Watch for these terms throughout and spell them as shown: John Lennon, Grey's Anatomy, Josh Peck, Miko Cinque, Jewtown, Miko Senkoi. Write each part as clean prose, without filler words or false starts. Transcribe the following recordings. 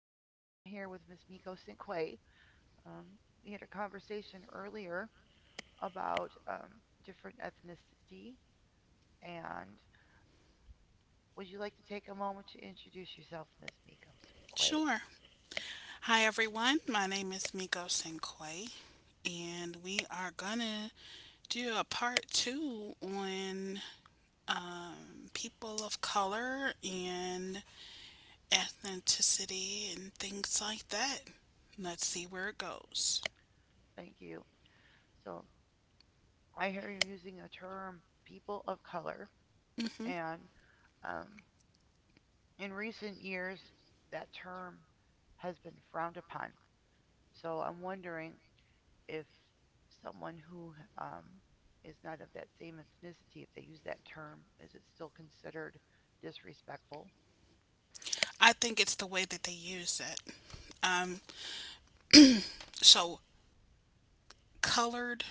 I'm here with Miss Miko Cinque. Um, we had a conversation earlier about different ethnicity, and would you like to take a moment to introduce yourself, Miss Miko Cinque? Sure. Hi, everyone. My name is Miko Senkoi, and we are gonna do a part two on people of color and ethnicity and things like that. Let's see where it goes. Thank you. So I hear you're using the term people of color, Hmm and um, in recent years, that term has been frowned upon. So I'm wondering if someone who um, is not of that same ethnicity, if they use that term, is it still considered disrespectful? I think it's the way that they use it. Um, so, colored,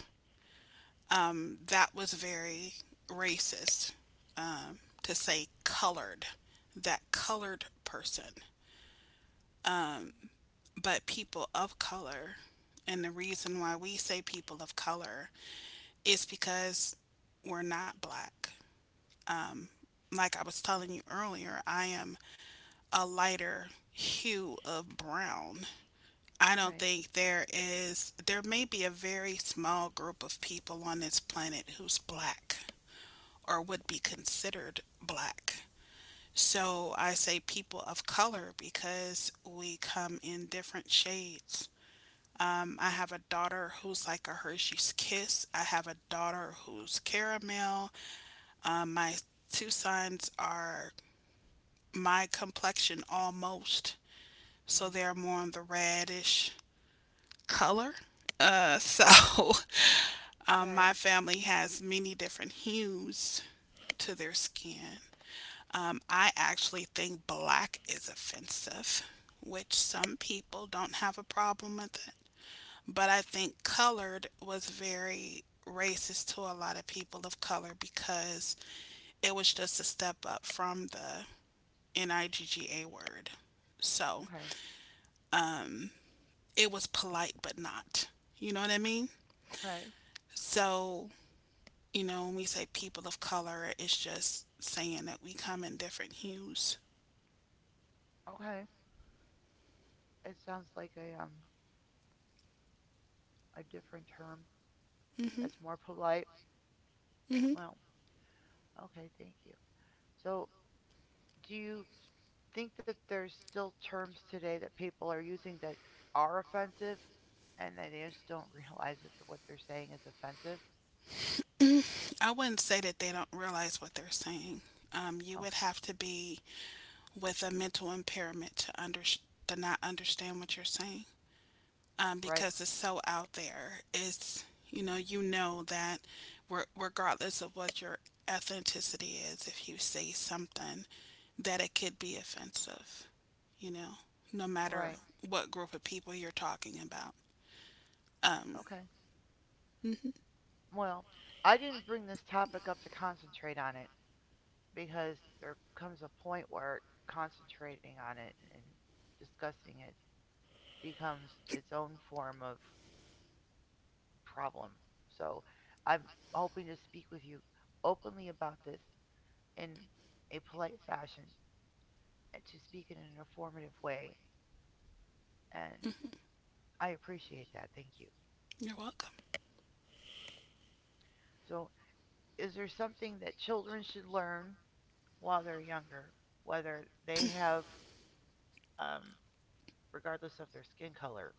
that was very racist to say colored, that colored person. But people of color. And the reason why we say people of color is because we're not black. Like I was telling you earlier, I am a lighter hue of brown. I don't Okay. think there is, there may be a very small group of people on this planet who's black or would be considered black. So I say people of color because we come in different shades. I have a daughter who's like a Hershey's Kiss. I have a daughter who's caramel. My two sons are my complexion almost, so Mm-hmm. they're more on the reddish color. So Oh, Okay. my family has many different hues to their skin. I actually think black is offensive, which some people don't have a problem with it. But I think colored was very racist to a lot of people of color because it was just a step up from the NIGGA word. So Okay. it was polite, but not. You know what I mean? Okay. So, when we say people of color, it's just saying that we come in different hues. Okay. It sounds like a different term Hmm that's more polite. hmm Well, okay, thank you. So, do you think that there's still terms today that people are using that are offensive and that they just don't realize that what they're saying is offensive? I wouldn't say that they don't realize what they're saying. You would Oh, have to be with a mental impairment to, to not understand what you're saying. Right. Because it's so out there. It's you know that regardless of what your ethnicity is, if you say something, that it could be offensive. You know, no matter Right. what group of people you're talking about. Um, Okay. mhm, Well, I didn't bring this topic up to concentrate on it because there comes a point where concentrating on it and discussing it becomes its own form of problem. So I'm hoping to speak with you openly about this in a polite fashion and to speak in an informative way. And I appreciate that. Thank you. you're welcome. So, is there something that children should learn while they're younger, whether they have um, regardless of their skin color.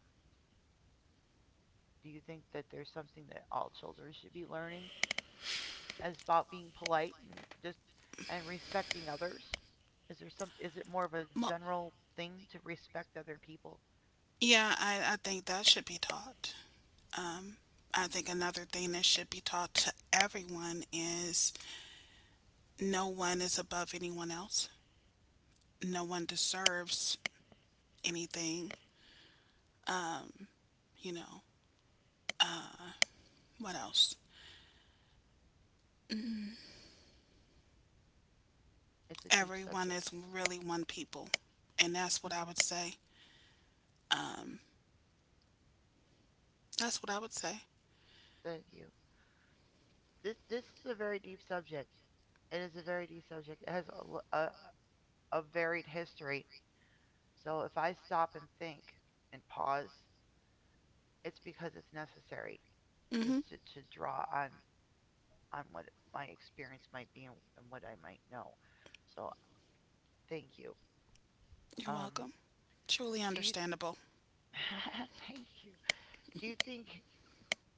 Do you think that there's something that all children should be learning as about being polite and just and respecting others? Is there some is it more of a Mo- general thing to respect other people? Yeah, I think that should be taught. Um, I think another thing that should be taught to everyone is no one is above anyone else. No one deserves anything, you know. What else? It's a deep Everyone is subject. really one people. And that's what I Mhm. would say. Um, that's what I would say. Thank you. This is a very deep subject. It is a very deep subject. It has a varied history. So if I stop and think and pause, it's because it's necessary just Hmm to draw on what my experience might be and what I might know. So thank you. You're Um, welcome. Truly do you understandable. Thank you. Do you think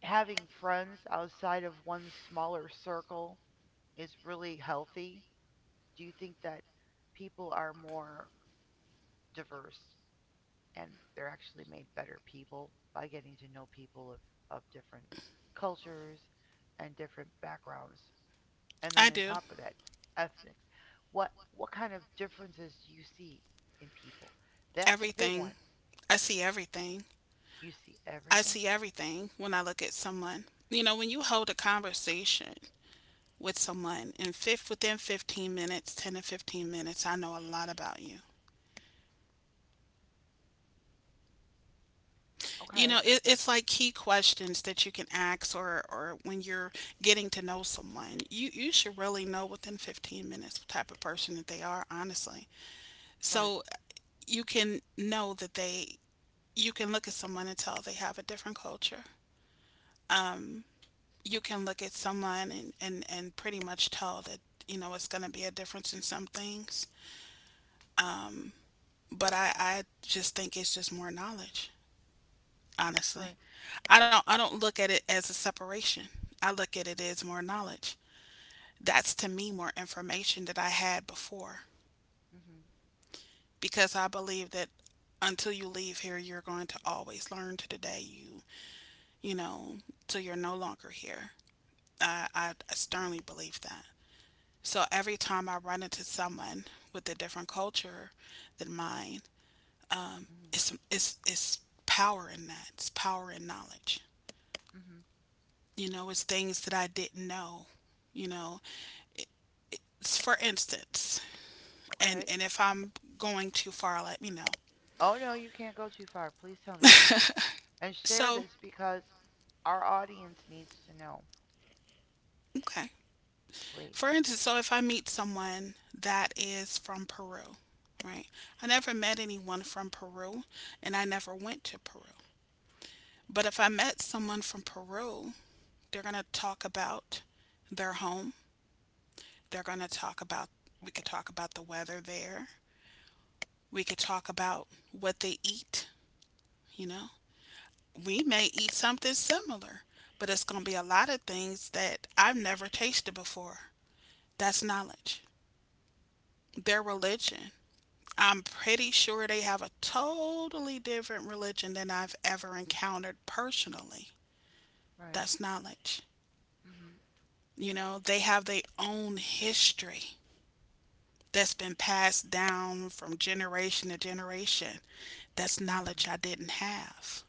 having friends outside of one's smaller circle is really healthy? Do you think that people are more diverse and they're actually made better people by getting to know people of different cultures and different backgrounds and then I on do. top of that, ethnics. What kind of differences do you see in people? That's a big Everything. one. I see everything. You see I everything. see everything when I look at someone. You know, when you hold a conversation with someone in within 15 minutes, 10 to 15 minutes, I know a lot about you. Okay. It's like key questions that you can ask, or when you're getting to know someone, you should really know within 15 minutes what type of person that they are, honestly. Right. So you can know you can look at someone and tell they have a different culture. Um, you can look at someone and pretty much tell that, you know, it's going to be a difference in some things. But I just think it's just more knowledge, honestly. Right. I don't look at it as a separation. I look at it as more knowledge. That's to me more information that I had before Mhm. because I believe that until you leave here you're going to always learn to the day you, you know, till you're no longer here. I sternly believe that. So every time I run into someone with a different culture than mine, Mhm. It's power in that. It's power in knowledge. Mhm. You know, it's things that I didn't know, you know, for instance, Okay. and if I'm going too far, let me know. Oh no, you can't go too far. Please tell me and share So, this because our audience needs to know. okay. Please. For instance, so if I meet someone that is from Peru, right? I never met anyone from Peru and I never went to Peru. But if I met someone from Peru, they're going to talk about their home. They're going to talk about, we could talk about the weather there. We could talk about what they eat, you know, we may eat something similar, but it's going to be a lot of things that I've never tasted before. That's knowledge. Their religion. I'm pretty sure they have a totally different religion than I've ever encountered personally. Right. That's knowledge. Mhm. You know, they have their own history that's been passed down from generation to generation. That's knowledge Mhm. I didn't have.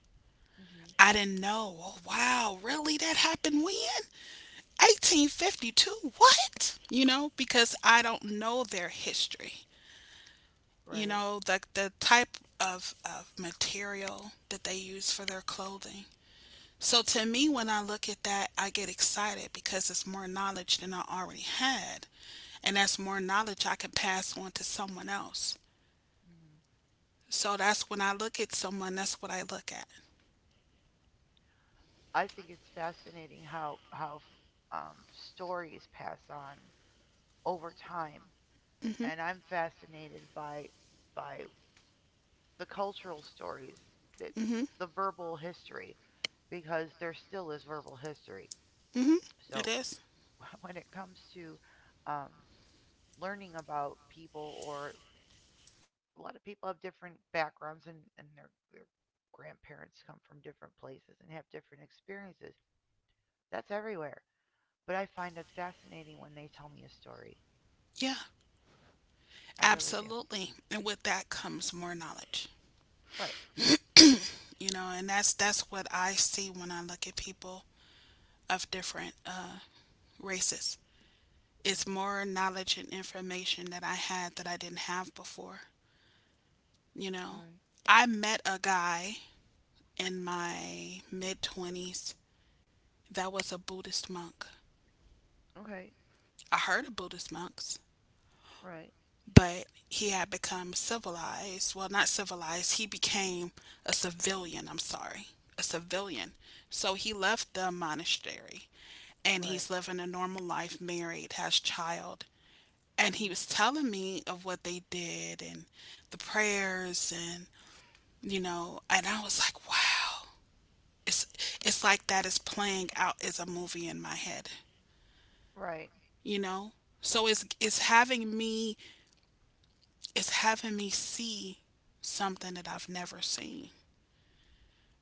Mhm. I didn't know. Oh, wow, really? That happened when? 1852, what? You know, because I don't know their history. You Right. know, like the type of material that they use for their clothing. So to me when I look at that I get excited because it's more knowledge than I already had, and that's more knowledge I can pass on to someone else. Mhm. So that's when I look at someone, that's what I look at. I think it's fascinating how stories pass on over time and I'm fascinated by the cultural stories, the, Mm-hmm the verbal history, because there still is verbal history. mm-hmm it So is. when it comes to um, learning about people, or a lot of people have different backgrounds and their grandparents come from different places and have different experiences. That's everywhere. But I find it fascinating when they tell me a story. Yeah, I really do. absolutely, and with that comes more knowledge. Right. You know, and that's what I see when I look at people of different races. Hmm. It's more knowledge and information that I had that I didn't have before. You know, Right. I met a guy in my mid twenties that was a Buddhist monk. Okay. I heard of Buddhist monks, Right. but he had become civilized. Well, not civilized. He became a civilian. I'm sorry, a civilian. So he left the monastery and Right. he's living a normal life, married, has child. And he Hmm. was telling me of what they did and the prayers and you know, and I was like, wow. It's it's like that is playing out as a movie in my head, Right. you know? So it's having me see something that I've never seen.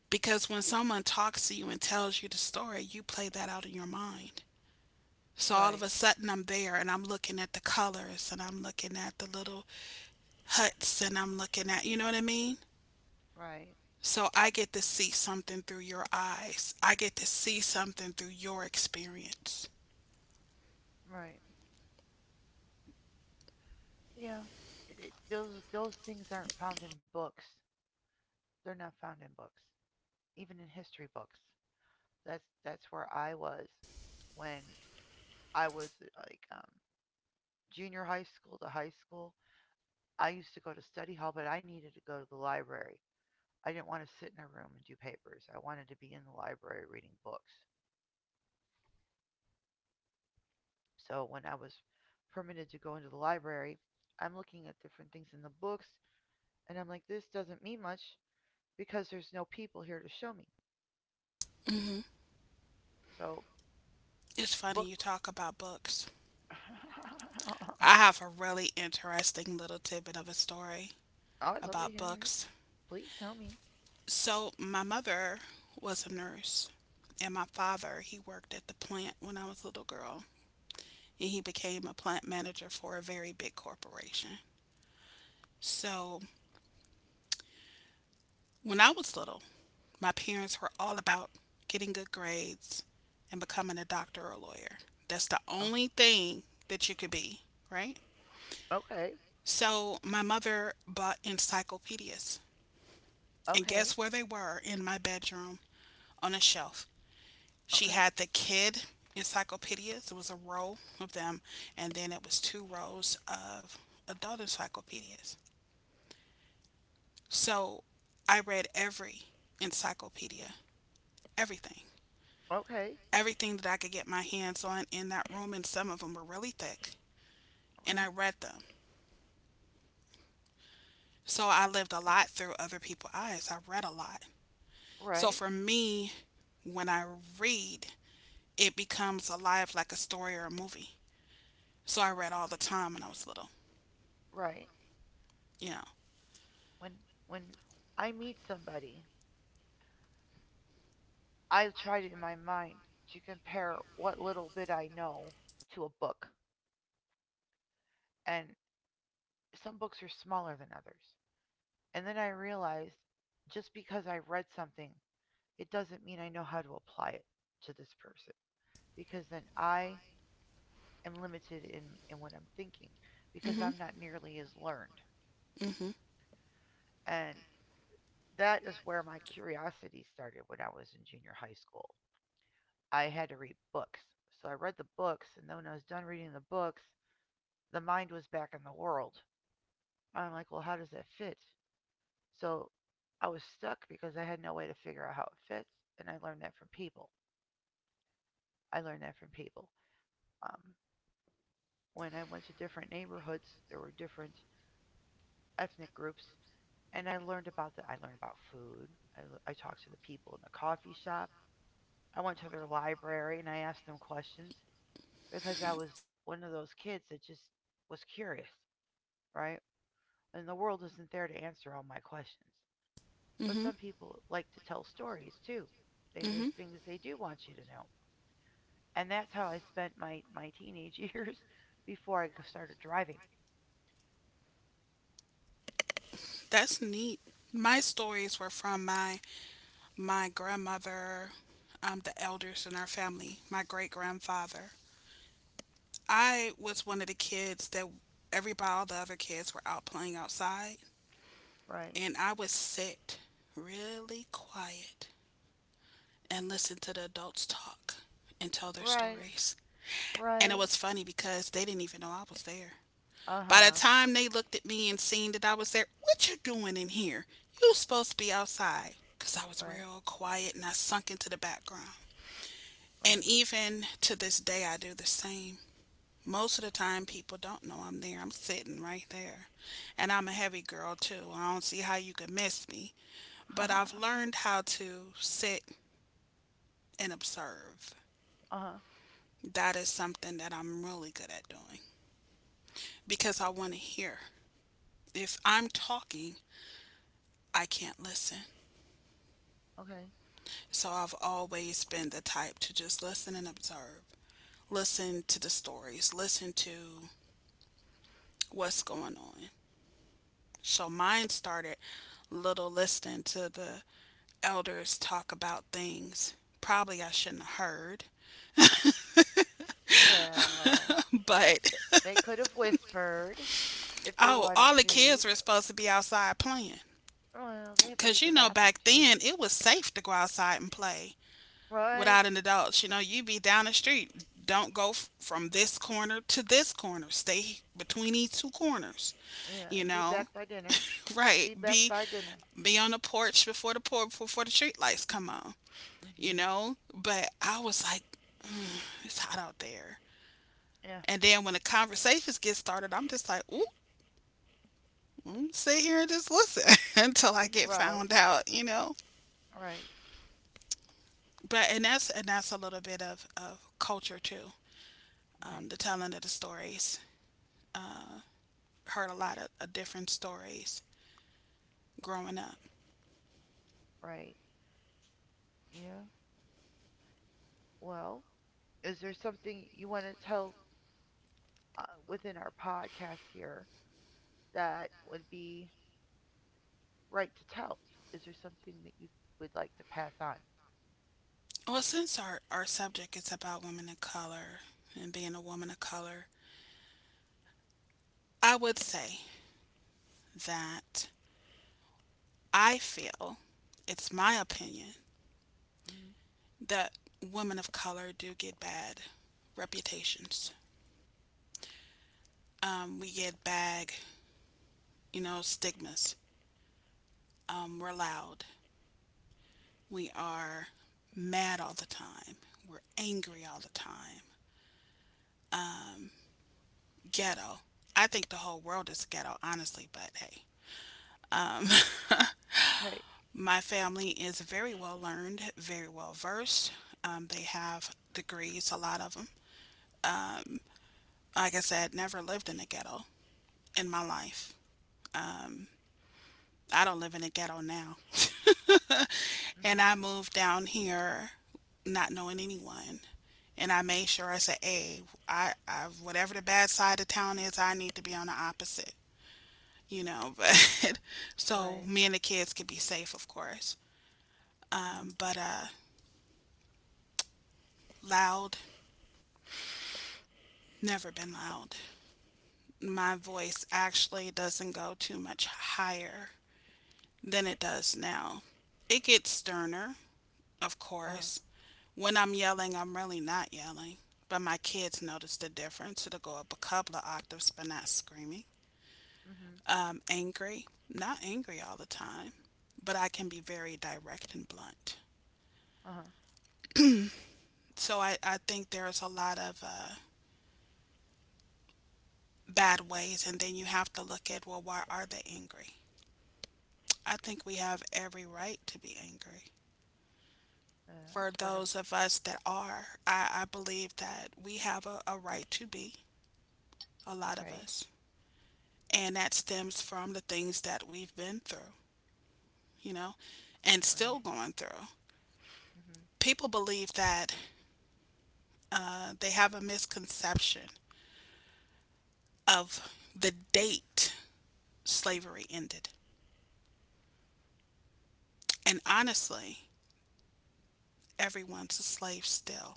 Because when someone talks to you and tells you the story, you play that out in your mind. So all of Right, a sudden I'm there and I'm looking at the colors and I'm looking at the little Hudson I'm looking at. You know what I mean? right, So I get to see something through your eyes. I get to see something through your experience. right. Yeah. It, those things aren't found in books. They're not found in books, even in history books. That's where I was when I was like junior high school to high school. I used to go to study hall, but I needed to go to the library. I didn't want to sit in a room and do papers. I wanted to be in the library reading books. So when I was permitted to go into the library, I'm looking at different things in the books, and I'm like, this doesn't mean much because there's no people here to show me. Mhm. So, It's funny book. you talk about books. I have a really interesting little tidbit of a story I'd love to about hear it. books. Please tell me. So my mother was a nurse and my father, he worked at the plant when I was a little girl and he became a plant manager for a very big corporation. So when I was little, my parents were all about getting good grades and becoming a doctor or a lawyer. That's the Oh, only thing that you could be, right? okay, So my mother bought encyclopedias. And okay, guess where they were in my bedroom on a shelf? She okay, had the kid encyclopedias. It was a row of them. And then it was two rows of adult encyclopedias. So I read every encyclopedia, everything, okay, everything that I could get my hands on in that room, and some of them were really thick. And I okay. read them. So I lived a lot through other people's eyes. I read a lot. So Right, for me, when I read, it becomes alive like a story or a movie. So I read all the time when I was little. right. You know. When when I meet somebody, I try to, in my mind to compare what little bit I know to a book, and some books are smaller than others. And then I realized just because I read something, it doesn't mean I know how to apply it to this person because then I am limited in what I'm thinking because Mhm. I'm not nearly as learned. Mhm. And that is where my curiosity started when I was in junior high school. I had to read books. So I read the books, and then when I was done reading the books, the mind was back in the world. I'm like, well, how does that fit? So I was stuck because I had no way to figure out how it fits, and I learned that from people. I learned that from people. Um, when I went to different neighborhoods, there were different ethnic groups and I learned about that. I learned about food. I talked to the people in the coffee shop. I went to their library and I asked them questions because I was one of those kids that just was curious, right? And the world isn't there to answer all my questions. But Mhm. some people like to tell stories too. They, there's Mhm. things they do want you to know. And that's how I spent my teenage years before I started driving. That's neat. My stories were from my grandmother, the elders in our family, my great grandfather. I was one of the kids that everybody, all the other kids were out playing outside, Right, and I would sit really quiet and listen to the adults talk and tell their right, stories. And it right. was funny because they didn't even know I was there. Uh By the huh. time they looked at me and seen that I was there, what you doing in here? You supposed to be outside. Because I was Right, real quiet and I sunk into the background. And right. even to this day, I do the same. Most of the time, people don't know I'm there. I'm sitting right there. And I'm a heavy girl, too. I don't see how you could miss me. But I've learned how to sit and observe. Uh huh. That is something that I'm really good at doing because I want to hear. If I'm talking, I can't listen. Okay. So I've always been the type to just listen and observe, listen to the stories, listen to what's going on. So mine started little, listening to the elders talk about things. Probably I shouldn't have heard. Well, But they could have whispered if they oh, all wanted the kids to. were supposed to be outside playing. Well, they have to Because use the you know, bathroom back too, then it was safe to go outside and play right? without an adult. You know, you be down the street. Don't go from this corner to this corner. Stay between these two corners. Yeah, You and be know, back by dinner. right? Be back by dinner. Be on the porch before the street lights come on. You Mhm. know, but I was like, it's hot out there. Yeah. And then when the conversations get started, I'm just like, ooh, mm, sit here and just listen until I get Right. found out, you know. Right. But and that's a little bit of culture too. Okay. The telling of the stories. Heard a lot of different stories growing up. Right. Yeah. Well, is there something you want to tell within our podcast here that would be right to tell? Is there something that you would like to pass on? Well, since our subject is about women of color and being a woman of color, I would say that I feel it's my opinion Mhm. that women of color do get bad reputations. We get bad stigmas. We're loud. We are mad all the time. We're angry all the time. Ghetto. I think the whole world is ghetto, honestly, but hey. Um, Okay. my family is very well learned, very well versed. They have degrees, a lot of them. Like I said, never lived in a ghetto in my life. I don't live in a ghetto now. And Mhm. I moved down here not knowing anyone. And I made sure I said, hey, whatever the bad side of town is, I need to be on the opposite, But so Right. me and the kids could be safe, of course. Um, Mhm. but uh, loud, never been loud. My voice actually doesn't go too much higher than it does now. It gets sterner of Uh huh. course. When I'm yelling, I'm really not yelling. But my kids notice the difference. It'll go up a couple of octaves, but not screaming. Mhm. Angry, not angry all the time, but I can be very direct and blunt. Uh huh. So I think there's a lot of bad ways, and then you have to look at, well, why are they angry? I think we have every right to be angry. Uh, For it's one of. those of us that are, I believe that we have a right to be, a lot of Okay, us. And that stems from the things that we've been through, you know, and still right. going through. Mhm. People believe that they have a misconception of the date slavery ended. And Um, honestly, everyone's a slave still.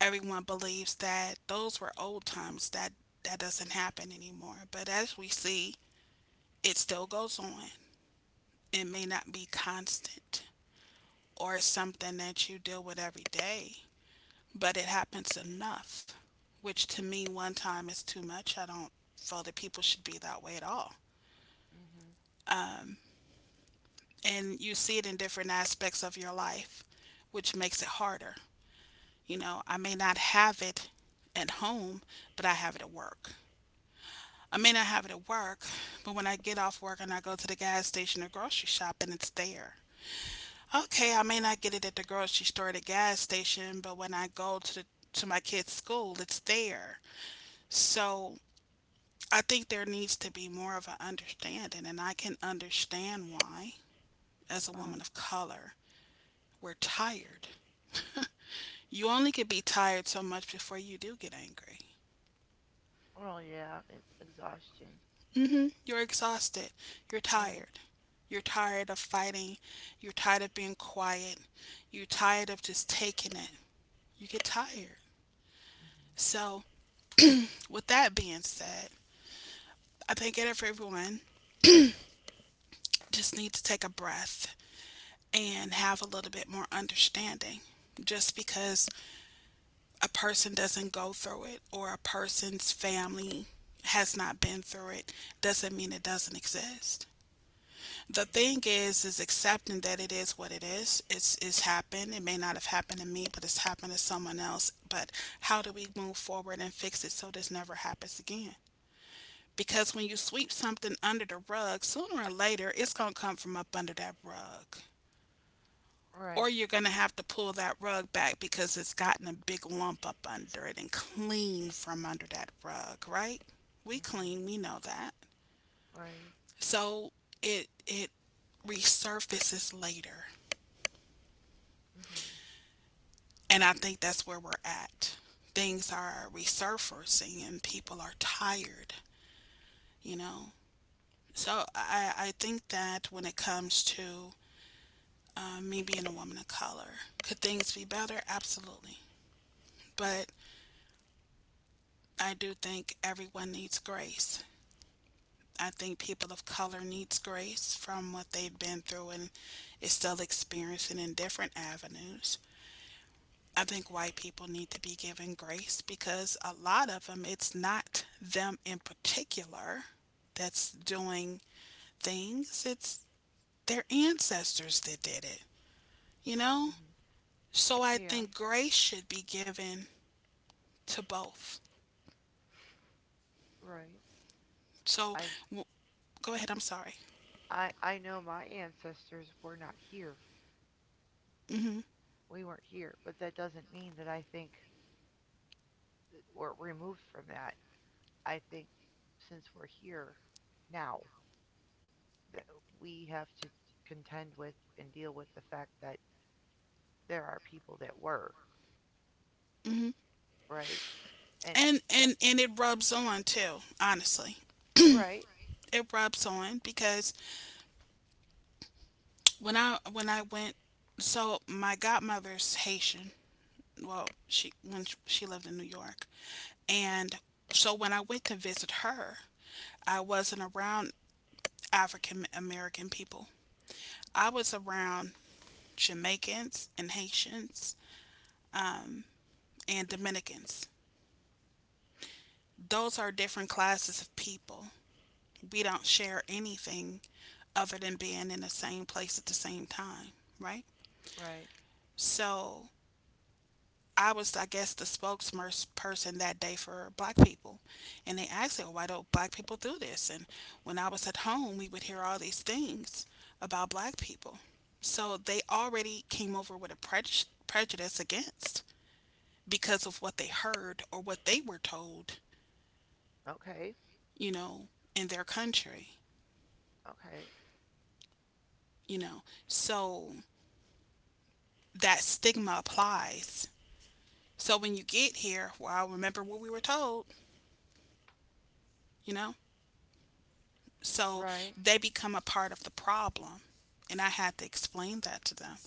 Everyone believes that those were old times, that that doesn't happen anymore. But as we see, it still goes on. It may not be constant or something that you deal with every day, but it happens enough, which to me, one time is too much. I don't feel that people should be that way at all. mhm. And you see it in different aspects of your life, which makes it harder. You know, I may not have it at home, but I have it at work. I may not have it at work, but when I get off work and I go to the gas station or grocery shop and it's there. Okay, I may not get it at the grocery store or the gas station, but when I go to the to my kids' school, it's there. So I think there needs to be more of an understanding, and I can understand why, as a Uh huh. woman of color, we're tired. You only could be tired so much before you do get angry. Oh yeah, exhaustion. You're exhausted. You're Right. tired. You're tired of fighting. You're tired of being quiet. You're tired of just taking it. You get tired. Mhm. So, with that being said, I think that everyone just need to take a breath and have a little bit more understanding. Just because a person doesn't go through it or a person's family has not been through it doesn't mean it doesn't exist. The Mhm. thing is accepting that it is what it is. It's happened. It may not have happened to me, but it's happened to someone else. But how do we move forward and fix it so this never happens again? Because when you sweep something under the rug, sooner or later it's gonna come from up under that rug or Right. you're going to have to pull that rug back because it's gotten a big lump up under it and clean from under that rug, right? We Mhm. clean, we know that. Right. So it resurfaces later. Mhm. And I think that's where we're at. Things are resurfacing and people are tired, you know? So I think that when it comes to me being a woman of color, could things be better? Absolutely. But I do think everyone needs grace. I think people of color needs grace from what they've been through and is still experiencing in different avenues. I think white people need to be given grace because a lot of them, it's not them in particular that's doing things, it's their ancestors that did it, you know? Mhm. So I Yeah. think grace should be given to both. Right. So I w- go ahead, I'm sorry. I know my ancestors were not here. Mm hmm We weren't here, but that doesn't mean that I think we're removed from that. I think since we're here now, that we have to contend with and deal with the fact that there are people that were mm hmm Right. And And, that and, and it rubs on too, honestly. right, It rubs on because when I went, so my godmother's Haitian. Well, she lived in New York, and so when I went to visit her, I wasn't around African American people. I was around Jamaicans and Haitians and Dominicans. Those are different classes of people. We don't share anything other than being in the same place at the same time, right? right. So I was, I guess, the spokesperson that day for black people. And they asked me, why don't black people do this? And when I was at home, we would hear all these things about black people. So they already came over with a prejudice against because of what they heard or what they were told, Okay. you know, in their country, Okay. you know. So that stigma applies. So when you get here, well, I remember what we were told, you know. So Right. they become a part of the problem. And I had to explain that to them.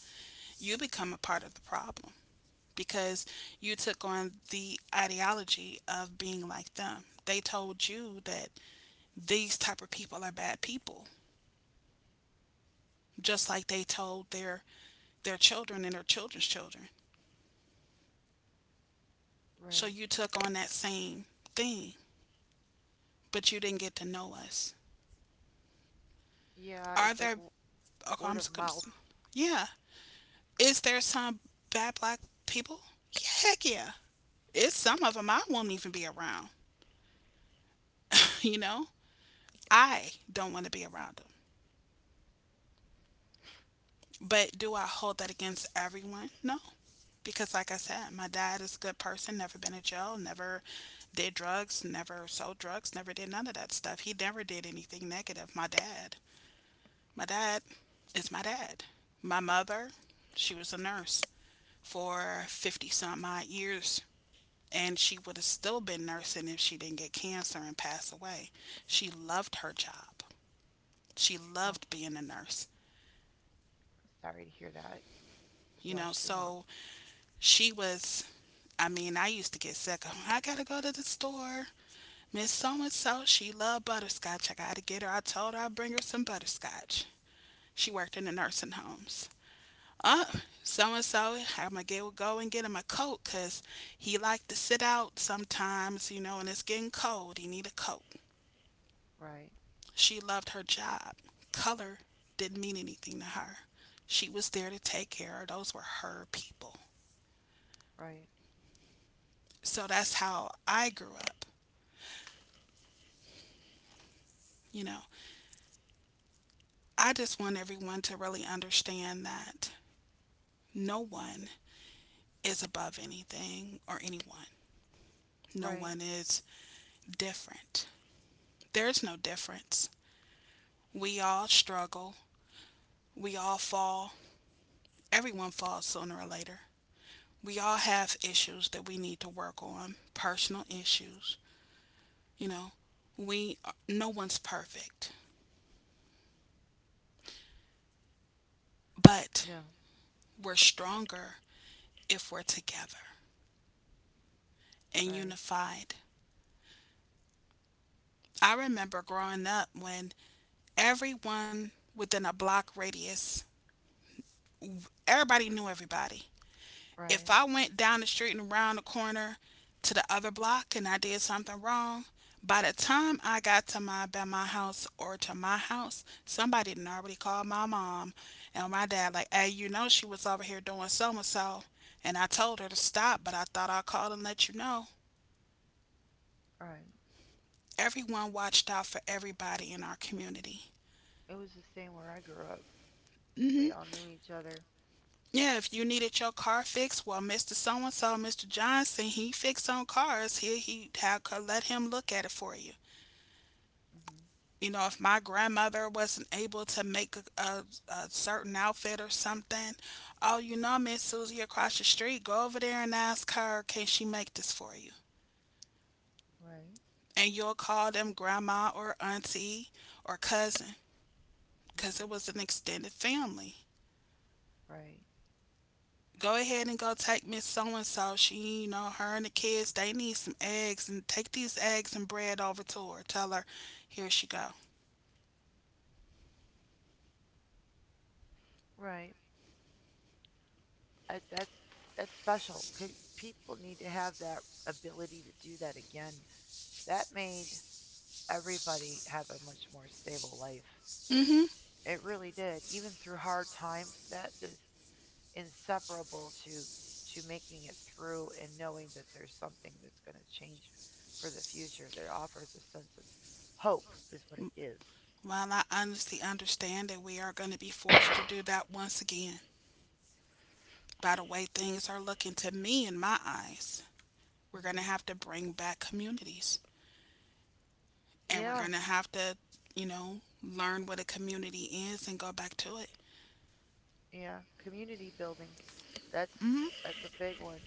You become a part of the problem because you took on the ideology of being like them. They told you that these type of people are bad people, just like they told their children and their children's children. So Right. you took on that same thing, but you didn't get to know us. Yeah, Are it's like there okay, word I'm, of mouth. yeah, is there some bad black people? Yeah, heck yeah. It's some of them I won't even be around. You know, I don't want to be around them. But do I hold that against everyone? No. Because, like I said, my dad is a good person, never been in jail, never did drugs, never sold drugs, never did none of that stuff. He never did anything negative. My dad is my dad. My mother, she was a nurse for 50 some odd years and she would have still been nursing if she didn't get cancer and pass away. She loved her job. She Well, loved being a nurse. sorry to hear that. You You've know, lost your mom. so she was, I mean, I used to get sick. I got to go to the store. Miss So and so, she loved butterscotch. I gotta get her. I told her I'd bring her some butterscotch. She worked in the nursing homes. Uh, so and so, go and get him a coat because he liked to sit out sometimes, you know, and it's getting cold. He need a coat. Right. She loved her job. Color didn't mean anything to her. She was there to take care of those were her people. Right. So that's how I grew up. You know, I just want everyone to really understand that no one is above anything or anyone. No Right. one is different. There's no difference. We all struggle. We all fall. Everyone falls sooner or later. We all have issues that we need to work on, personal issues. You know, we no one's perfect, but No. we're stronger if we're together and Right. unified. I remember growing up when everyone within a block radius, everybody knew everybody. If Right. I went down the street and around the corner to the other block and I did something wrong, by the time I got to my house or to my house, somebody had already called my mom and my dad like, hey, you know she was over here doing so and so and I told her to stop, but I thought I'd call and let you know. Right. Everyone watched out for everybody in our community. It was the same where I grew up. Mm hmm We all knew each other. Yeah, if you needed your car fixed, well, Mr. So and so, Mr. Johnson, he fixed on cars. Here, he how could let him look at it for you. Mhm. You know, if my grandmother wasn't able to make a certain outfit or something, oh, you know, Miss Susie across the street, go over there and ask her, can she make this for you? Right. And you'll call them grandma or auntie or cousin because Mhm. it was an extended family. Right. Go ahead and go take Miss So and so. She, you know, her and the kids, they need some eggs and take these eggs and bread over to her. Tell her, here she go. Right. I, that's special. People need to have that ability to do that again. That made everybody have a much more stable life. Mm hmm. It really did. Even through hard times, that is inseparable to making it through and knowing that there's something that's going to change for the future that offers a sense of hope is what it gives. Well, I honestly understand that we are going to be forced to do that once again. By the way, things are looking to me in my eyes. We're going to Hmm. have to bring back communities, and we're Yeah, going to have to, you know, learn what a community is and go back to it. yeah. Community building, that's that's a big one,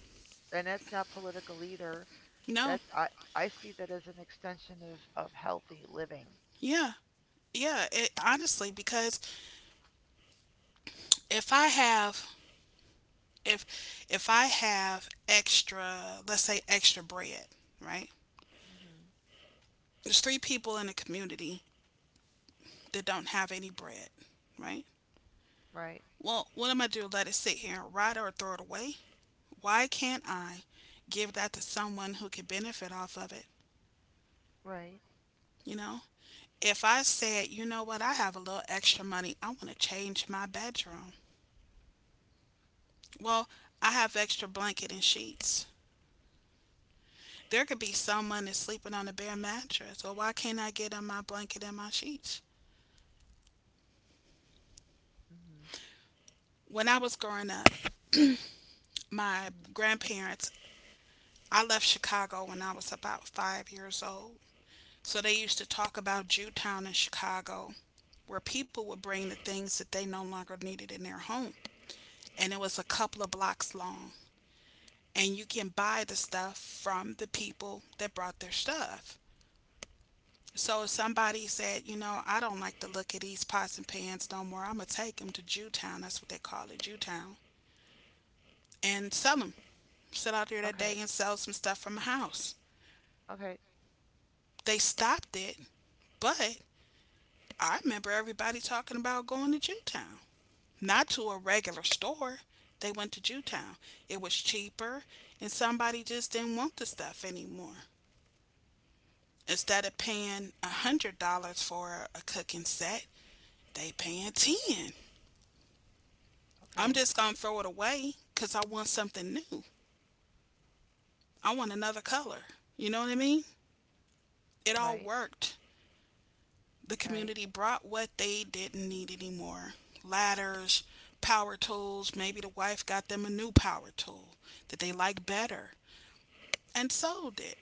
and that's not political either. No, That's I see that as an extension of healthy living. yeah, yeah, honestly, because if I have, if I have extra, let's say extra bread, right? Hmm. There's three people in the community that don't have any bread, right? Right, Well, what am I do? Let it sit here and rot or throw it away? Why can't I give that to someone who could benefit off of it? right. You know, if I said, you know what, I have a little extra money, I want to change my bedroom. Well, I have extra blanket and sheets. There could be someone that's sleeping on a bare mattress. Well, why can't I get on my blanket and my sheets? Hmm. When I was growing up, my grandparents, I left Chicago when I was about 5 years old. So they used to talk about Jewtown in Chicago where people would bring the things that they no longer needed in their home. And it was a couple of blocks long. And you can buy the stuff from the people that brought their stuff. So if somebody said, you know, I don't like the look of these pots and pans no more, I'm going to take them to Jewtown. That's what they call it, Jewtown. And sell them. Sit out there that Okay, day and sell some stuff from the house. okay, They stopped it, but I remember everybody talking about going to Jewtown, not to a regular store. They went to Jewtown. It was cheaper, and somebody just didn't want the stuff anymore. Instead of paying $100 for a cooking set, they paying ten dollars. I'm okay. just gonna throw it away because I want something new. I want another color. You know what I mean? It all Right, worked. The right, community brought what they didn't need anymore, ladders, power tools. Maybe the wife got them a new power tool that they like better and sold it,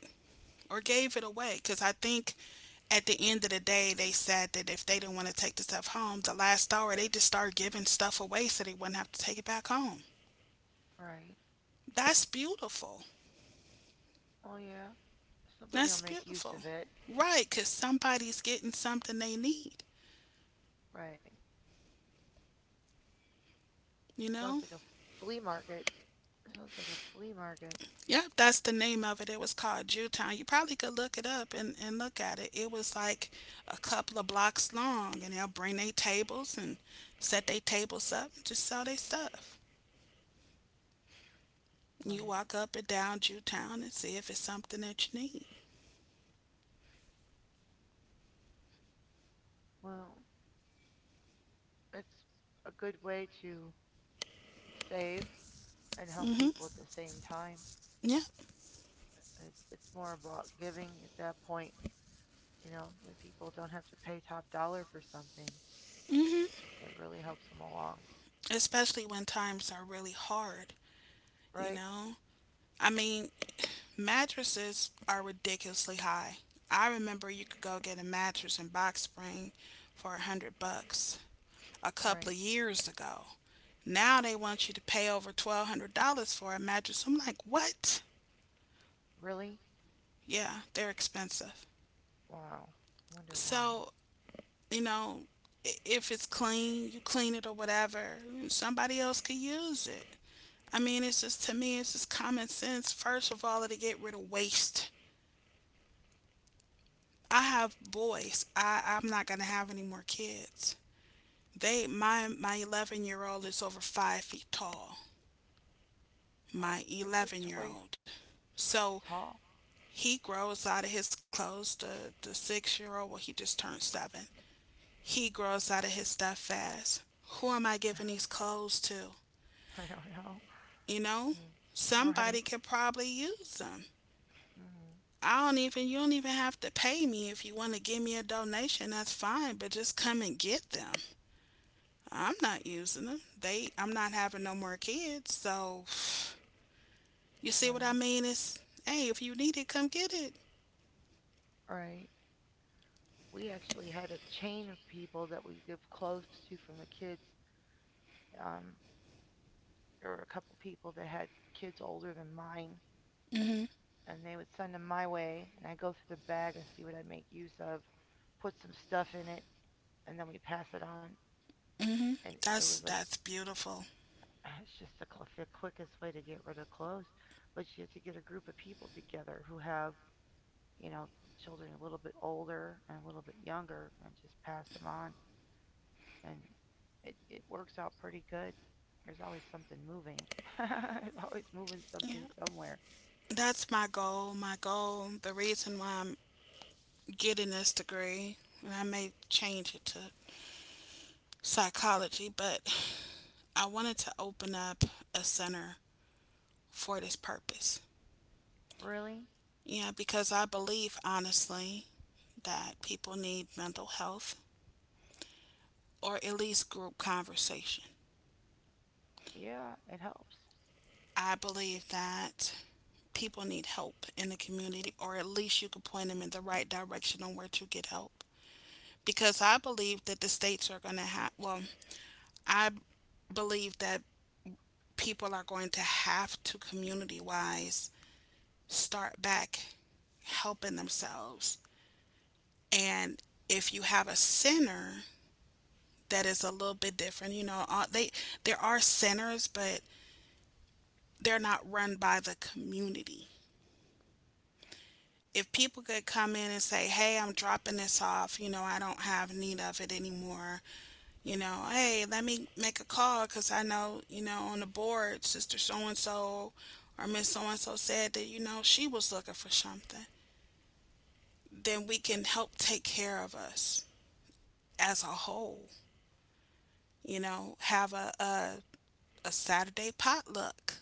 or gave it away, because I think at the end of the day they said that if they didn't want to take the stuff home, the last hour they just started giving stuff away so they wouldn't have to take it back home. right. That's beautiful. Oh yeah, somebody'll That's make use of beautiful. it. Right, because somebody's getting something they need, Right. you Sounds like know? a flea market. Sounds like a flea market. Yep, that's the name of it. It was called Jewtown. You probably could look it up and look at it. It was like a couple of blocks long, and they'll bring their tables and set their tables up and just sell their stuff. You Right. walk up and down Jewtown and see if it's something that you need. Well, it's a good way to save and help Hmm. people at the same time. Yeah. It's more about giving at that point, when people don't have to pay top dollar for something. Hmm. It really helps them along. Especially when times are really hard, you Right? know? I mean, mattresses are ridiculously high. I remember you could go get a mattress in Box Spring for $100 a Right. couple of years ago. Now they want you to pay over $1,200 for a mattress. I'm like, what? Really? Yeah, they're expensive. Wow. I wonder why. So, you know, if it's clean, you clean it or whatever. Somebody else could use it. I mean, it's just to me, it's just common sense. First of all, to get rid of waste. I have boys. I'm not gonna have any more kids. They my 11-year-old is over 5 feet tall. Oh, My it's a 11 year toy. old. He's So tall. he grows out of his clothes. The 6 year old, well, he just turned seven. He grows out of his stuff fast. Who am I giving these clothes to? I don't know. You know, Mm. somebody Right. could probably use them. Hmm. I don't even, you don't even have to pay me. If you want to give me a donation, that's fine, but just come and get them. I'm not using them. They, I'm not having no more kids. So, you see what I Right. mean? It's, hey, if you need it, come get it. Right. We actually had a chain of people that we lived close to from the kids. Um, there were a couple people that had kids older than mine, Mhm. and they would send them my way, and I go through the bag and see what I make use of, put some stuff in it, and then we pass it on. Mhm. And it That's, was like, that's beautiful. it's just the quickest way to get rid of clothes. But you have to get a group of people together who have you know, children a little bit older and a little bit younger and just pass them on. And it works out pretty good. There's always something moving. There's always moving Yeah. something somewhere. That's my goal. My goal, the reason why I'm getting this degree, and I may change it to psychology, but I wanted to open up a center for this purpose. Really? Yeah, because I believe honestly that people need mental health or at least group conversation. Yeah, it helps. I believe that people need help in the community or at least you could point them in the right direction on where to get help. Because I believe that the states are going to have, well, I believe that people are going to have to community wise start back helping themselves. And if you have a center that is a little bit different, you know, they there are centers, but they're not run by the community. If people could come in and say, "Hey, I'm dropping this off. You know, I don't have need of it anymore." You know, hey, let me make a call because I know, you know, on the board, Sister So and So or Miss So and So said that, you know, she was looking for something. Then we can help take care of us as a whole. You know, have a, a Saturday potluck.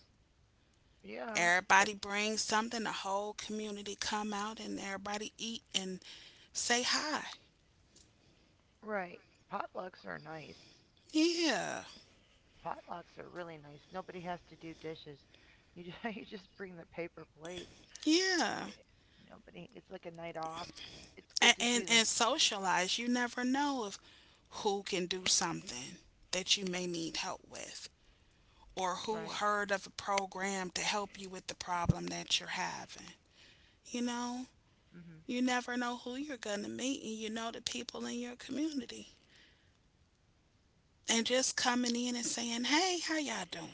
Yeah, it, Everybody brings something. The whole community come out and everybody eat and say hi. right. Potlucks are nice. Yeah, Potlucks are really nice. Nobody has to do dishes. You just bring the paper plates. Eh, yeah, nobody. It's like a night off. It's good to and do and, them and socialize. You never know if who can do something that you may need help with, or who right. heard of a program to help you with the problem that you're having. You know, Mm hmm. you never know who you're gonna meet, and you know the people in your community, and just coming in and saying, "Hey, how y'all doing?"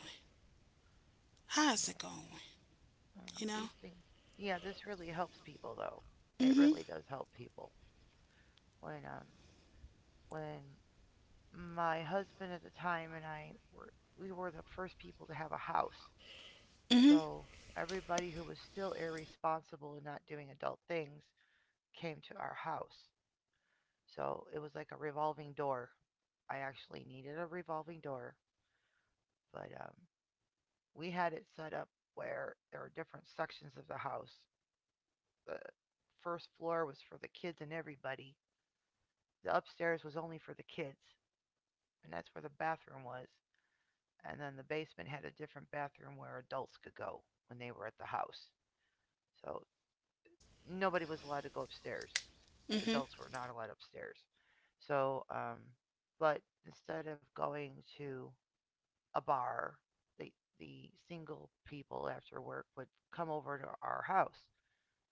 How's it Yeah. going? You know, You know? these things. Yeah, this really helps people though. It Mm-hmm. really does help people. When um when my husband at the time and I were we were the first people to have a house. Mm-hmm. So everybody who was still irresponsible and not doing adult things came to our house. So it was like a revolving door. I actually needed a revolving door, but we had it set up where there were different sections of the house. The first floor was for the kids and everybody. The upstairs was only for the kids, and that's where the bathroom was. And then the basement had a different bathroom where adults could go when they were at the house. So nobody was allowed to go upstairs. Mm-hmm. Adults were not allowed upstairs. So, um, but instead of going to a bar, the the single people after work would come over to our house,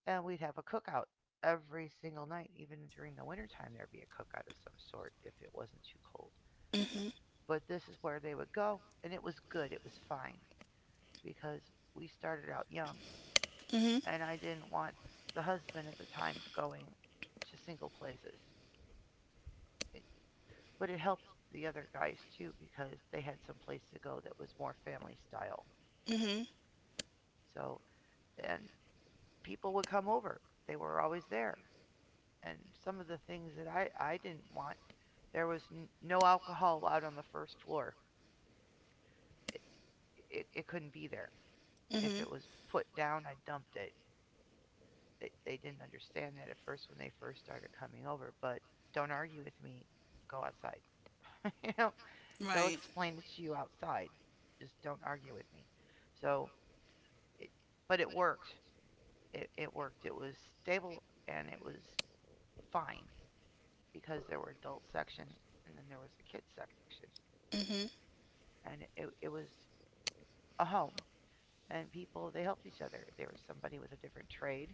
and we'd have a cookout every single night, even during the wintertime. There'd be a cookout of some sort if it wasn't too cold. Mm-hmm. But this is where they would go. And it was good. It was fine because we started out young. Mm-hmm. And I didn't want the husband at the time going to single places. It, but it helped the other guys too because they had some place to go that was more family style. Mm-hmm. So, and people would come over. They were always there. And some of the things that I didn't want, there was no alcohol allowed on the first floor. It, it couldn't be there. If Mm-hmm. it was put down, I dumped it. They didn't understand that at first when they first started coming over. But don't argue with me. Go outside. you know, they'll Right. explain it to you outside. Just don't argue with me. So, it, but it worked. It worked. It was stable and it was fine because there were adult section, and then there was the kids section, Mm-hmm. and it was a home, and people, they helped each other. There was somebody with a different trade.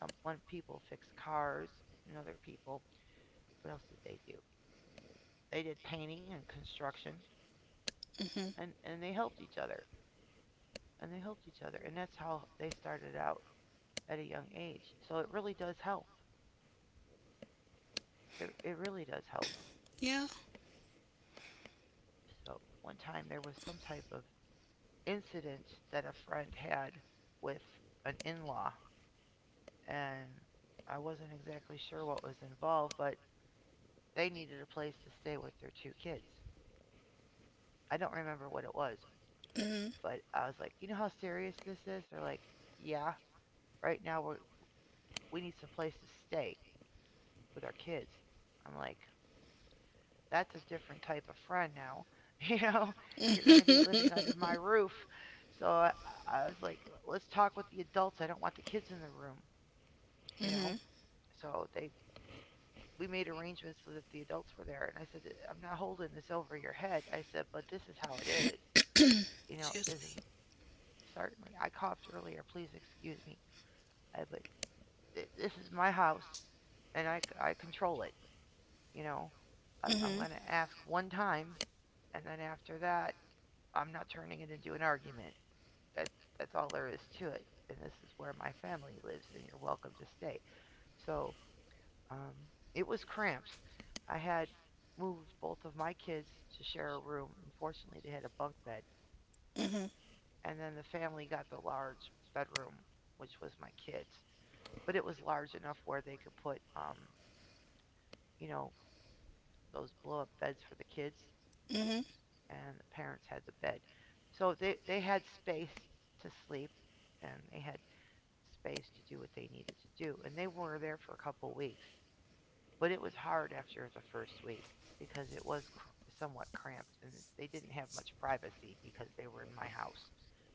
Some one people fixed cars, and other people, what else did they do? They did painting and construction, Mm-hmm. and they helped each other. And they helped each other, and that's how they started out at a young age, so it really does help. It really does help. Yeah. So one time there was some type of incident that a friend had with an in-law, and I wasn't exactly sure what was involved, but they needed a place to stay with their two kids. I don't remember what it was, Mm-hmm. but I was like, you know how serious this is. They're like, yeah, right now we're, we need some place to stay with our kids. I'm like, that's a different type of friend now. You know, you're going to be living mm-hmm. under my roof. So I, I was like, let's talk with the adults. I don't want the kids in the room, you know. So they We made arrangements so that the adults were there, and I said, I'm not holding this over your head. I said, but this is how it is. You know, Excuse this me. is, certainly I coughed earlier. Please excuse me. I, but This is my house, and I control it, you know. I'm Mm-hmm. going to ask one time, and then after that, I'm not turning it into an argument. That's that's all there is to it. And this is where my family lives, and you're welcome to stay. So um, it was cramped. I had moved both of my kids to share a room. Unfortunately, they had a bunk bed, Mm-hmm. and then the family got the large bedroom, which was my kids. But it was large enough where they could put, you know, those blow up beds for the kids, Mm-hmm. and the parents had the bed. So they had space to sleep, and they had space to do what they needed to do. And they were there for a couple weeks. But it was hard after the first week because it was somewhat cramped, and they didn't have much privacy because they were in my house.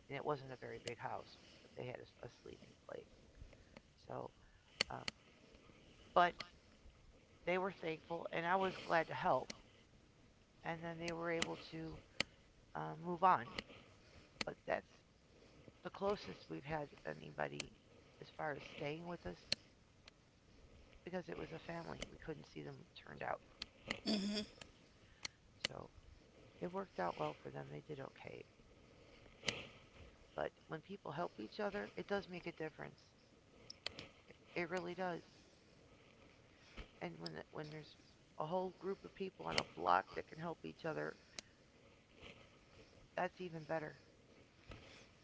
And it wasn't a very big house, but they had a sleeping place. So, uh, but they were thankful, and I was glad to help. And then they were able to move on. But that's the closest we've had anybody as far as staying with us because it was a family. We couldn't see them turned out. Mm-hmm. So it worked out well for them. They did okay. But when people help each other, it does make a difference. It really does. And when when there's a whole group of people on a block that can help each other, that's even better.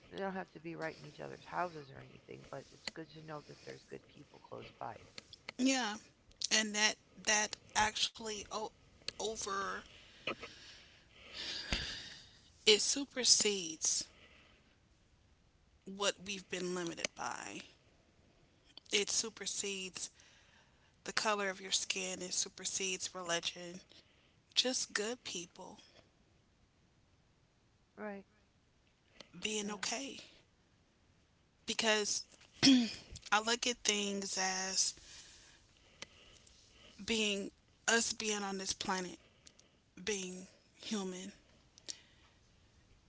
They don't have to be right in each other's houses or anything, but it's good to know that there's good people close by. Yeah. And that that actually o- over it supersedes what we've been limited by. It supersedes the color of your skin. It supersedes religion. Just good people Right. being Yeah. okay. Because I look at things as being us being on this planet, being human,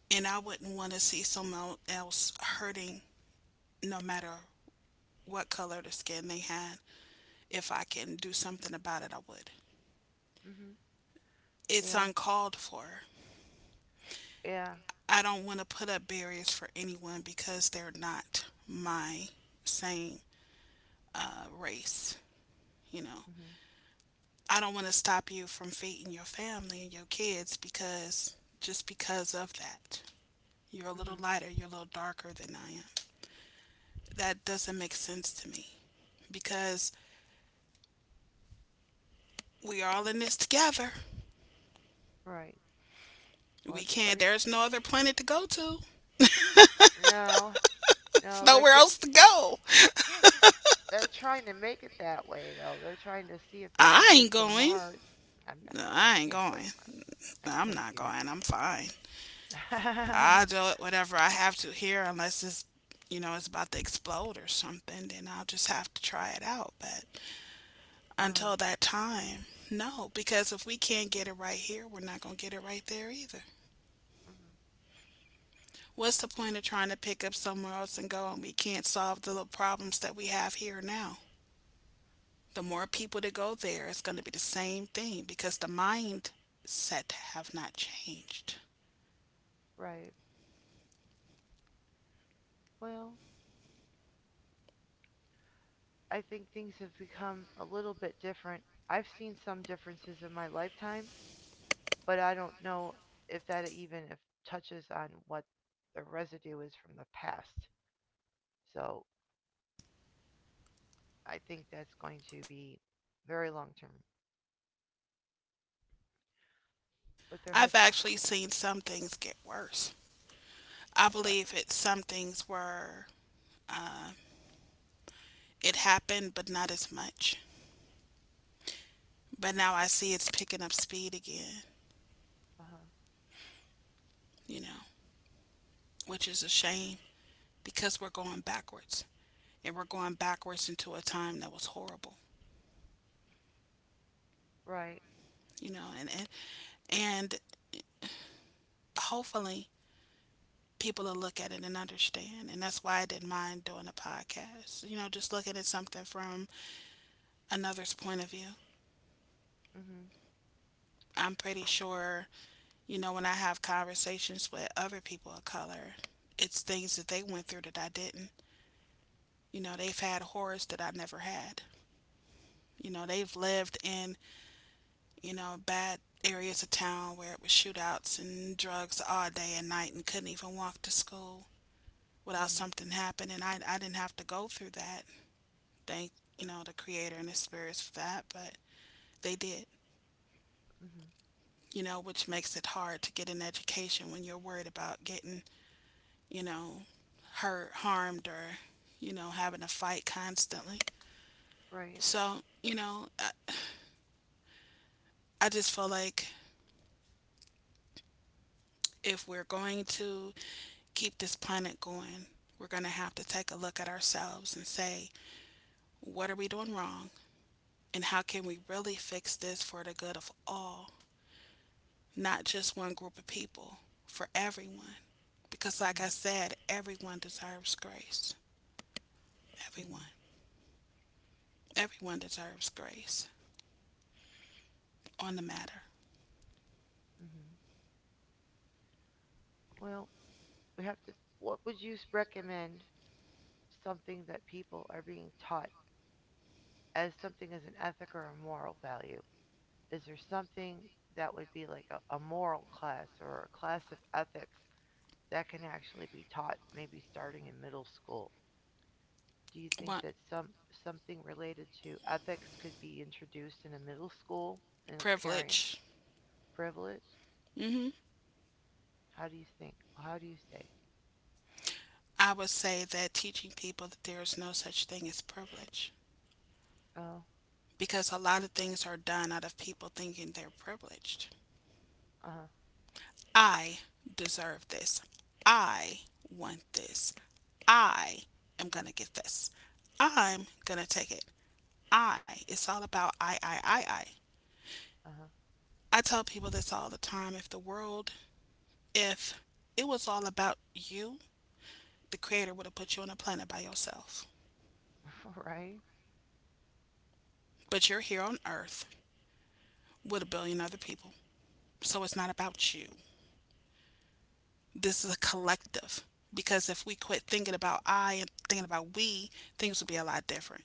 and I wouldn't want to see someone else hurting no matter what color the skin they had. If I can do something about it, I would. Mhm. It's Yeah. uncalled for. Yeah. I don't want to put up barriers for anyone because they're not my same, race, you know. Mhm. I don't want to stop you from feeding your family and your kids because just because of that. You're a little Mhm. lighter, you're a little darker than I am. That doesn't make sense to me because we're all in this together. Right. Well, We can't, everybody. there's no other planet to go to, No, no, they're nowhere getting, else to go. they're trying to make it that way though. They're trying to see if they can I get ain't to going. Mars. I'm not No, I I ain't can't go going. to Mars. I I'm can't do not it. going. I'm fine. I'll do it whatever I have to here unless it's, you know, it's about to explode or something, then I'll just have to try it out, but Uh-huh. until that time. No, because if we can't get it right here, we're not going to get it right there either. Mhm. What's the point of trying to pick up somewhere else and go and we can't solve the little problems that we have here now? The more people that go there, it's going to be the same thing because the mindset have not changed. Right. Well, I think things have become a little bit different. I've seen some differences in my lifetime, but I don't know if that, even if touches on what the residue is from the past. So, I think that's going to be very long term, but there I've has to be. actually seen some things get worse. I believe it. Some things were, uh, it happened, but not as much. But now I see it's picking up speed again. Uh-huh. You know, which is a shame. Because we're going backwards, and we're going backwards into a time that was horrible, Right. you know, and hopefully people will look at it and understand. And that's why I didn't mind doing a podcast, you know, just looking at something from another's point of view. Mhm. I'm pretty sure, you know, when I have conversations with other people of color, it's things that they went through that I didn't. You know, they've had horrors that I never had. You know, they've lived in, you know, bad areas of town where it was shootouts and drugs all day and night and couldn't even walk to school without Mhm. something happening. I didn't have to go through that. Thank, you know, the creator and the spirits for that, but they did, Mhm. you know, which makes it hard to get an education when you're worried about getting, you know, hurt, harmed, or, you know, having a fight constantly. Right. So, you know, I just feel like if we're going to keep this planet going, we're going to have to take a look at ourselves and say, what are we doing wrong? And how can we really fix this for the good of all, not just one group of people, for everyone? Because, like I Mhm. said, everyone deserves grace. Everyone. Mhm. Everyone deserves grace on the matter. Mhm. Well, we have to. What would you recommend? Something that people are being taught as something as an ethic or a moral value. Is there something that would be like a moral class or a class of ethics that can actually be taught, maybe starting in middle school? Do you think What that something related to ethics could be introduced in a middle school and carrying privilege? privilege? Hmm. How do you think? How do you say? I would say that teaching people that there is no such thing as privilege Oh, because a lot of things are done out of people thinking they're privileged. uh-huh, I deserve this. I want this. I am going to get this. I'm going to take it. I. It's all about I. uh-huh. I tell people this all the time. If the world, if it was all about you, the Creator would have put you on a planet by yourself. Right. But you're here on Earth with a billion other people. So it's not about you. This is a collective because if we quit thinking about I and thinking about we, things would be a lot different.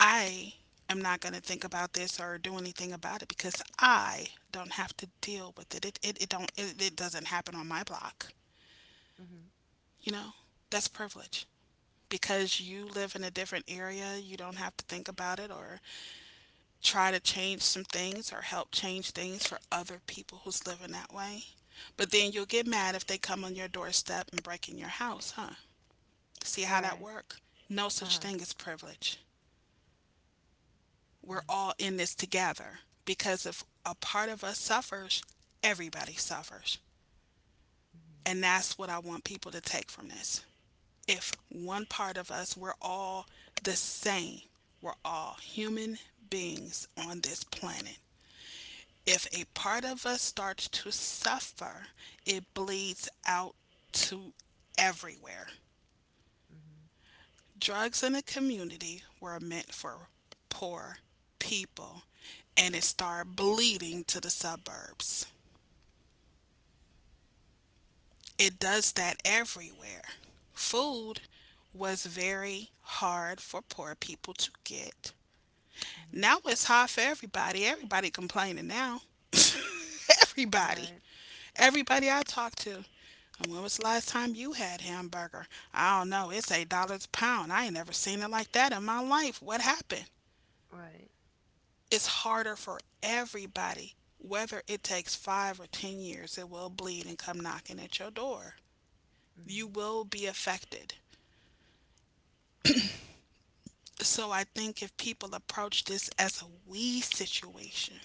I am not going to think about this or do anything about it because I don't have to deal with it. It don't it, it doesn't happen on my block, Mhm. you know? That's privilege. Because you live in a different area, you don't have to think about it or try to change some things or help change things for other people who's living that way. But then you'll get mad if they come on your doorstep and break in your house, huh? See how that Right. work? No such Uh-huh. thing as privilege. We're Mm. all in this together because if a part of us suffers, everybody suffers. Mhm. And that's what I want people to take from this. If one part of us, we're all the same. We're all human beings on this planet. If a part of us starts to suffer, it bleeds out to everywhere. Mhm. Drugs in the community were meant for poor people and it started bleeding to the suburbs. It does that everywhere. Food was very hard for poor people to get. Mhm. Now it's hard for everybody. Everybody complaining now. Right. Everybody. Everybody I talk to. And when was the last time you had hamburger? I don't know. It's $8 a pound. I ain't never seen it like that in my life. What happened? Right. It's harder for everybody. Whether it takes 5 or 10 years, it will bleed and come knocking at your door. You Mhm. will be affected. So I think if people approach this as a we situation,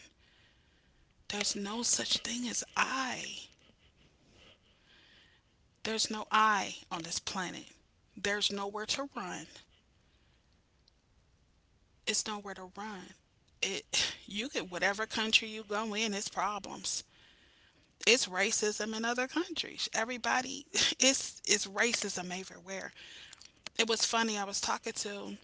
there's no such thing as I. There's no I on this planet. There's nowhere to run. It's nowhere to run. It You get whatever country you go in, it's problems. It's racism in other countries. Everybody it's racism everywhere. It was funny. I was talking to,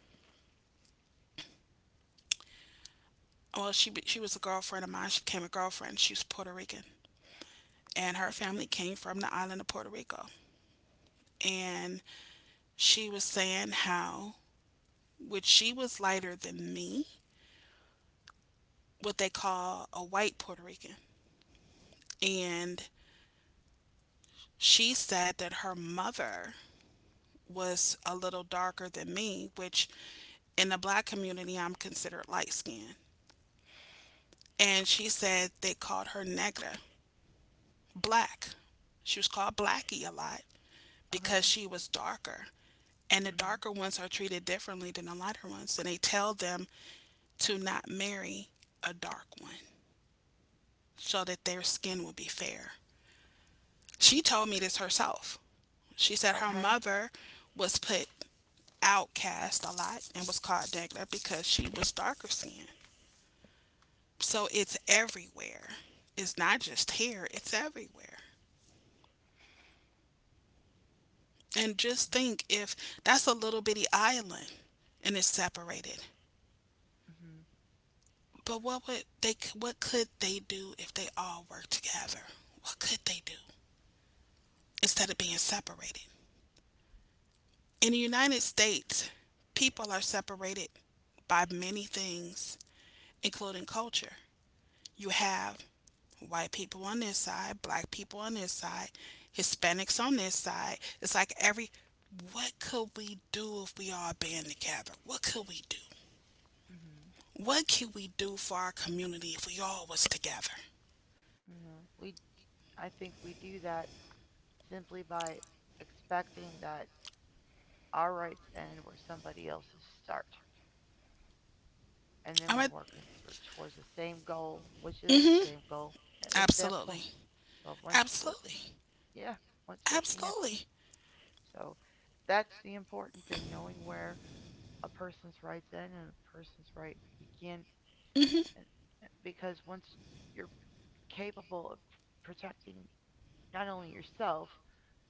well, she was a girlfriend of mine. She became a girlfriend. She was Puerto Rican, and her family came from the island of Puerto Rico. And she was saying how, which she was lighter than me, what they call a white Puerto Rican, and she said that her mother was a little darker than me, which in the black community I'm considered light skinned. And she said they called her negra, black. She was called Blackie a lot because Okay. she was darker. And the Mhm. darker ones are treated differently than the lighter ones. And they tell them to not marry a dark one so that their skin will be fair. She told me this herself. She said her Okay. mother was put outcast a lot and was called Dagna because she was darker skinned. So it's everywhere. It's not just here, it's everywhere. And just think if that's a little bitty island and it's separated. Mhm. But what would they? What could they do if they all worked together? What could they do instead of being separated? In the United States, people are separated by many things, including culture. You have white people on this side, black people on this side, Hispanics on this side. It's like every. What could we do if we all band together? What could we do? Mhm. What could we do for our community if we all was together? Yeah. We I think we do that simply by expecting that our rights end where somebody else's start. And then I mean, we're working towards the same goal, which is the same goal a- at that point. absolutely, So once you're working, absolutely. yeah, once working is. Absolutely. So that's the important thing, knowing where a person's rights end and a person's right begin. Mhm. And, and because once you're capable of protecting not only yourself,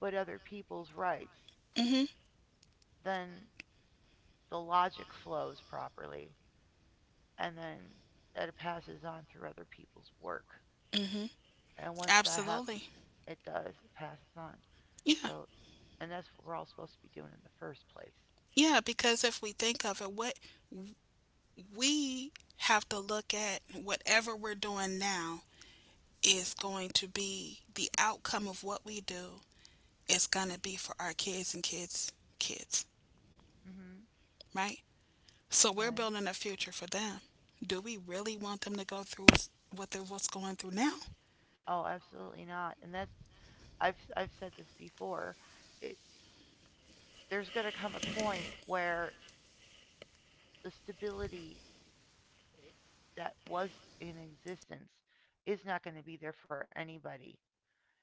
but other people's rights, Mhm. then the logic flows properly. And then it passes on through other people's work. Mhm. And once that happens, Absolutely. it does, it passes on. Yeah. So, and that's what we're all supposed to be doing in the first place. Yeah, because if we think of it, what we have to look at whatever we're doing now is going to be the outcome of what we do is going to be for our kids and kids kids, Hmm. right? So we're Right. building a future for them. Do we really want them to go through what's going through now? Oh, absolutely not. And that's, I've said this before. It, there's going to come a point where the stability, eh, that was in existence is not going to be there for anybody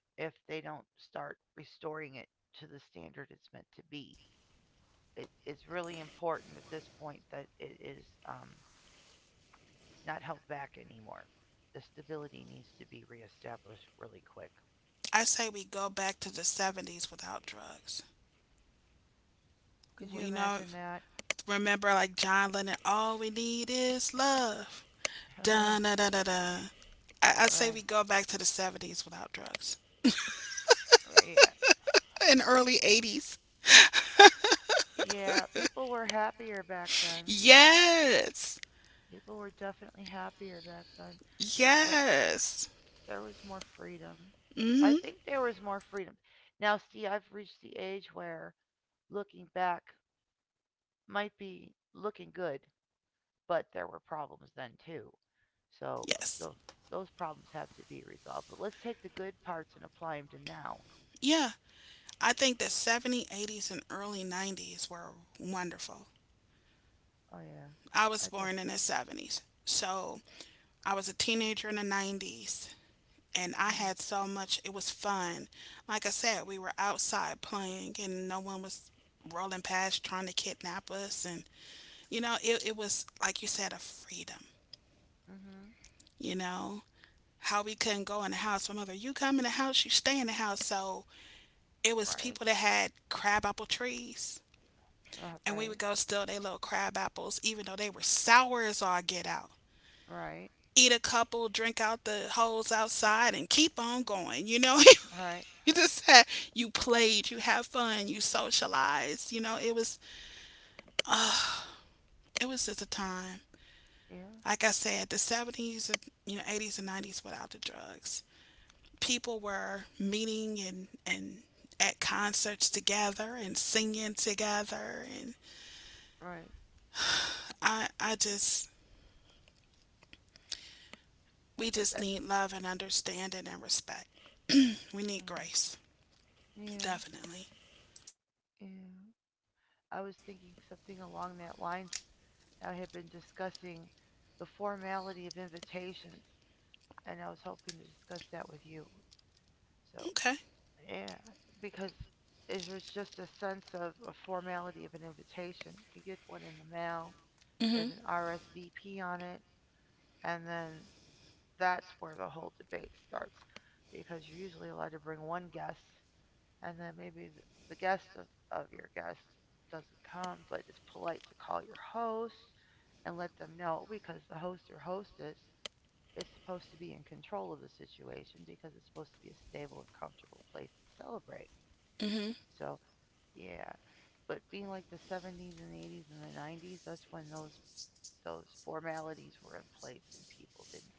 if they don't start restoring it to the standard it's meant to be. It's really important at this point that it is not held back anymore. The stability needs to be reestablished really quick. I say we go back to the 70s without drugs. Could you We know imagine that? remember like John Lennon, all we need is love. Da da da da da. I say we Right. go back to the 70s without drugs. Yeah. And early 80s. Yeah, people were happier back then. Yes. People were definitely happier back then. There, Yes. there was more freedom. I Mm-hmm. think there was more freedom. Now, see, I've reached the age where looking back might be looking good, but there were problems then too. So Yes. those those problems have to be resolved. But let's take the good parts and apply them to now. Yeah. I think the 70s, 80s, and early 90s were wonderful. Oh yeah, I was I thought. born in the 70s. So I was a teenager in the 90s. And I Mhm. had so much. It was fun. Like I said, we were outside playing, and no one was rolling past trying to kidnap us. And you know, it was like you said, a freedom. Mhm. You know how we couldn't go in the house. My mother, you come in the house, you stay in the house. So it was Right. people that had crab apple trees, and we would Right. go steal their little crab apples, even though they were sour as all get out. Right. Eat a couple, drink out the holes outside, and keep on going. You know, it All right. You just had, you played, you had fun, you socialized. You know, it was just a time. Yeah. Like I said, the 70s, and you know, 80s and 90s without the drugs. People were meeting and at concerts together and singing together and Right. I just we just That's. need love and understanding and respect. We need Mm. grace, Yeah, definitely. yeah. I was thinking something along that lines. I had been discussing the formality of invitations, and I was hoping to discuss that with you. So, Okay. yeah, because if there's just a sense of a formality of an invitation. You get one in the mail, Mhm. there's an RSVP on it, and then that's where the whole debate starts because you're usually allowed to bring one guest, and then maybe the guest of your guest doesn't come, but it's polite to call your host and let them know because the host or hostess is supposed to be in control of the situation because it's supposed to be a stable and comfortable place to celebrate. Mhm. So, yeah. But being like the 70s and 80s and the 90s, that's when those formalities were in place and people didn't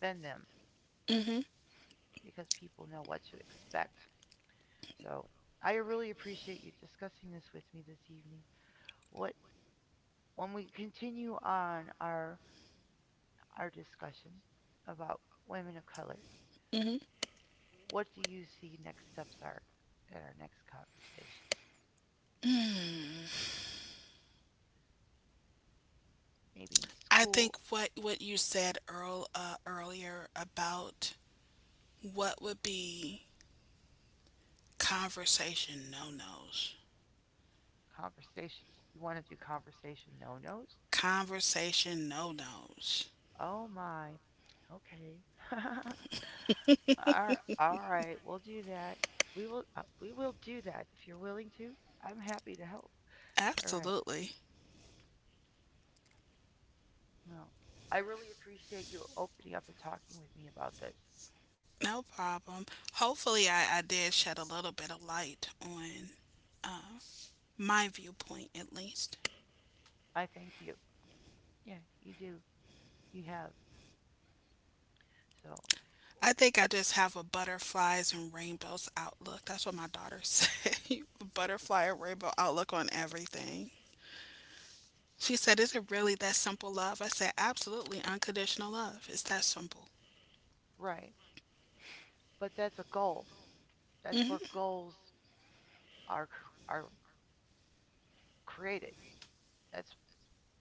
bend them Mhm. because people know what to expect. So, I really appreciate you discussing this with me this evening. What, when we continue on our discussion about women of color, Mhm. what do you see next steps are in our next conversation? Maybe in I think school what you said earlier about what would be conversation no nos? conversation. You want to do conversation no nos? Conversation no nos. Oh my. Okay. All right. We'll do that. We will do that if you're willing to. I'm happy to help. All right. Absolutely. Well, I really appreciate you opening up and talking with me about this. No problem. Hopefully, I did shed a little bit of light on my viewpoint, at least. I thank you. Yeah, you do. You have. So, I think I just have a butterflies and rainbows outlook. That's what my daughter said. Butterfly and rainbow outlook on everything. She said, "Is it really that simple, love?" I said, "Absolutely. Unconditional love. It's that simple." right. But that's a goal. That's where Hmm. goals are are created. That's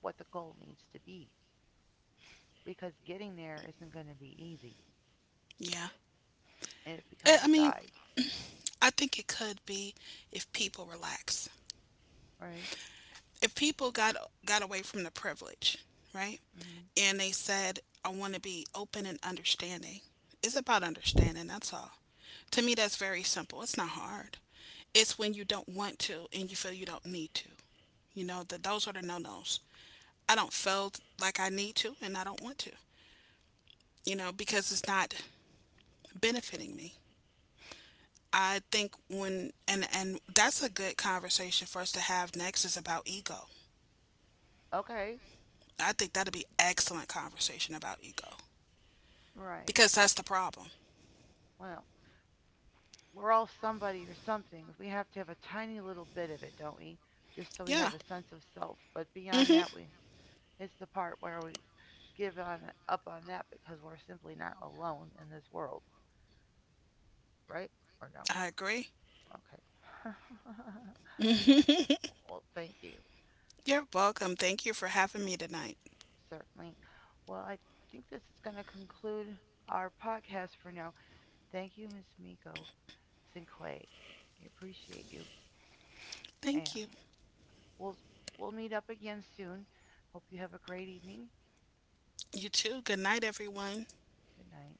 what the goal needs to be because getting there isn't going to be easy Yeah. and it I becomes I a mean, guide, I think it could be if people relax. right? If people got away from the privilege, right? Mhm. And they said, I want to be open and understanding. It's about understanding, that's all. To me that's very simple. It's not hard. It's when you don't want to and you feel you don't need to. You know, that those are the no-nos. I don't feel like I need to and I don't want to. You know, because it's not benefiting me. I think when and that's a good conversation for us to have next is about ego. Okay. I think that'd be excellent conversation about ego Right. because that's the problem. Well, we're all somebody or something. We have to have a tiny little bit of it, don't we? Just so we have Yeah. a sense of self. But beyond Hmm. that, we, it's the part where we give on up on that because we're simply not alone in this world. Right? Or no? I agree. Okay. Well, thank you. You're welcome. Thank you for having me tonight. Certainly. Well, I think this is going to conclude our podcast for now. Thank you, Miss Miko Cinque. I appreciate you. Thank you. And we'll we'll meet up again soon. Hope you have a great evening. You too. Good night, everyone. Good night.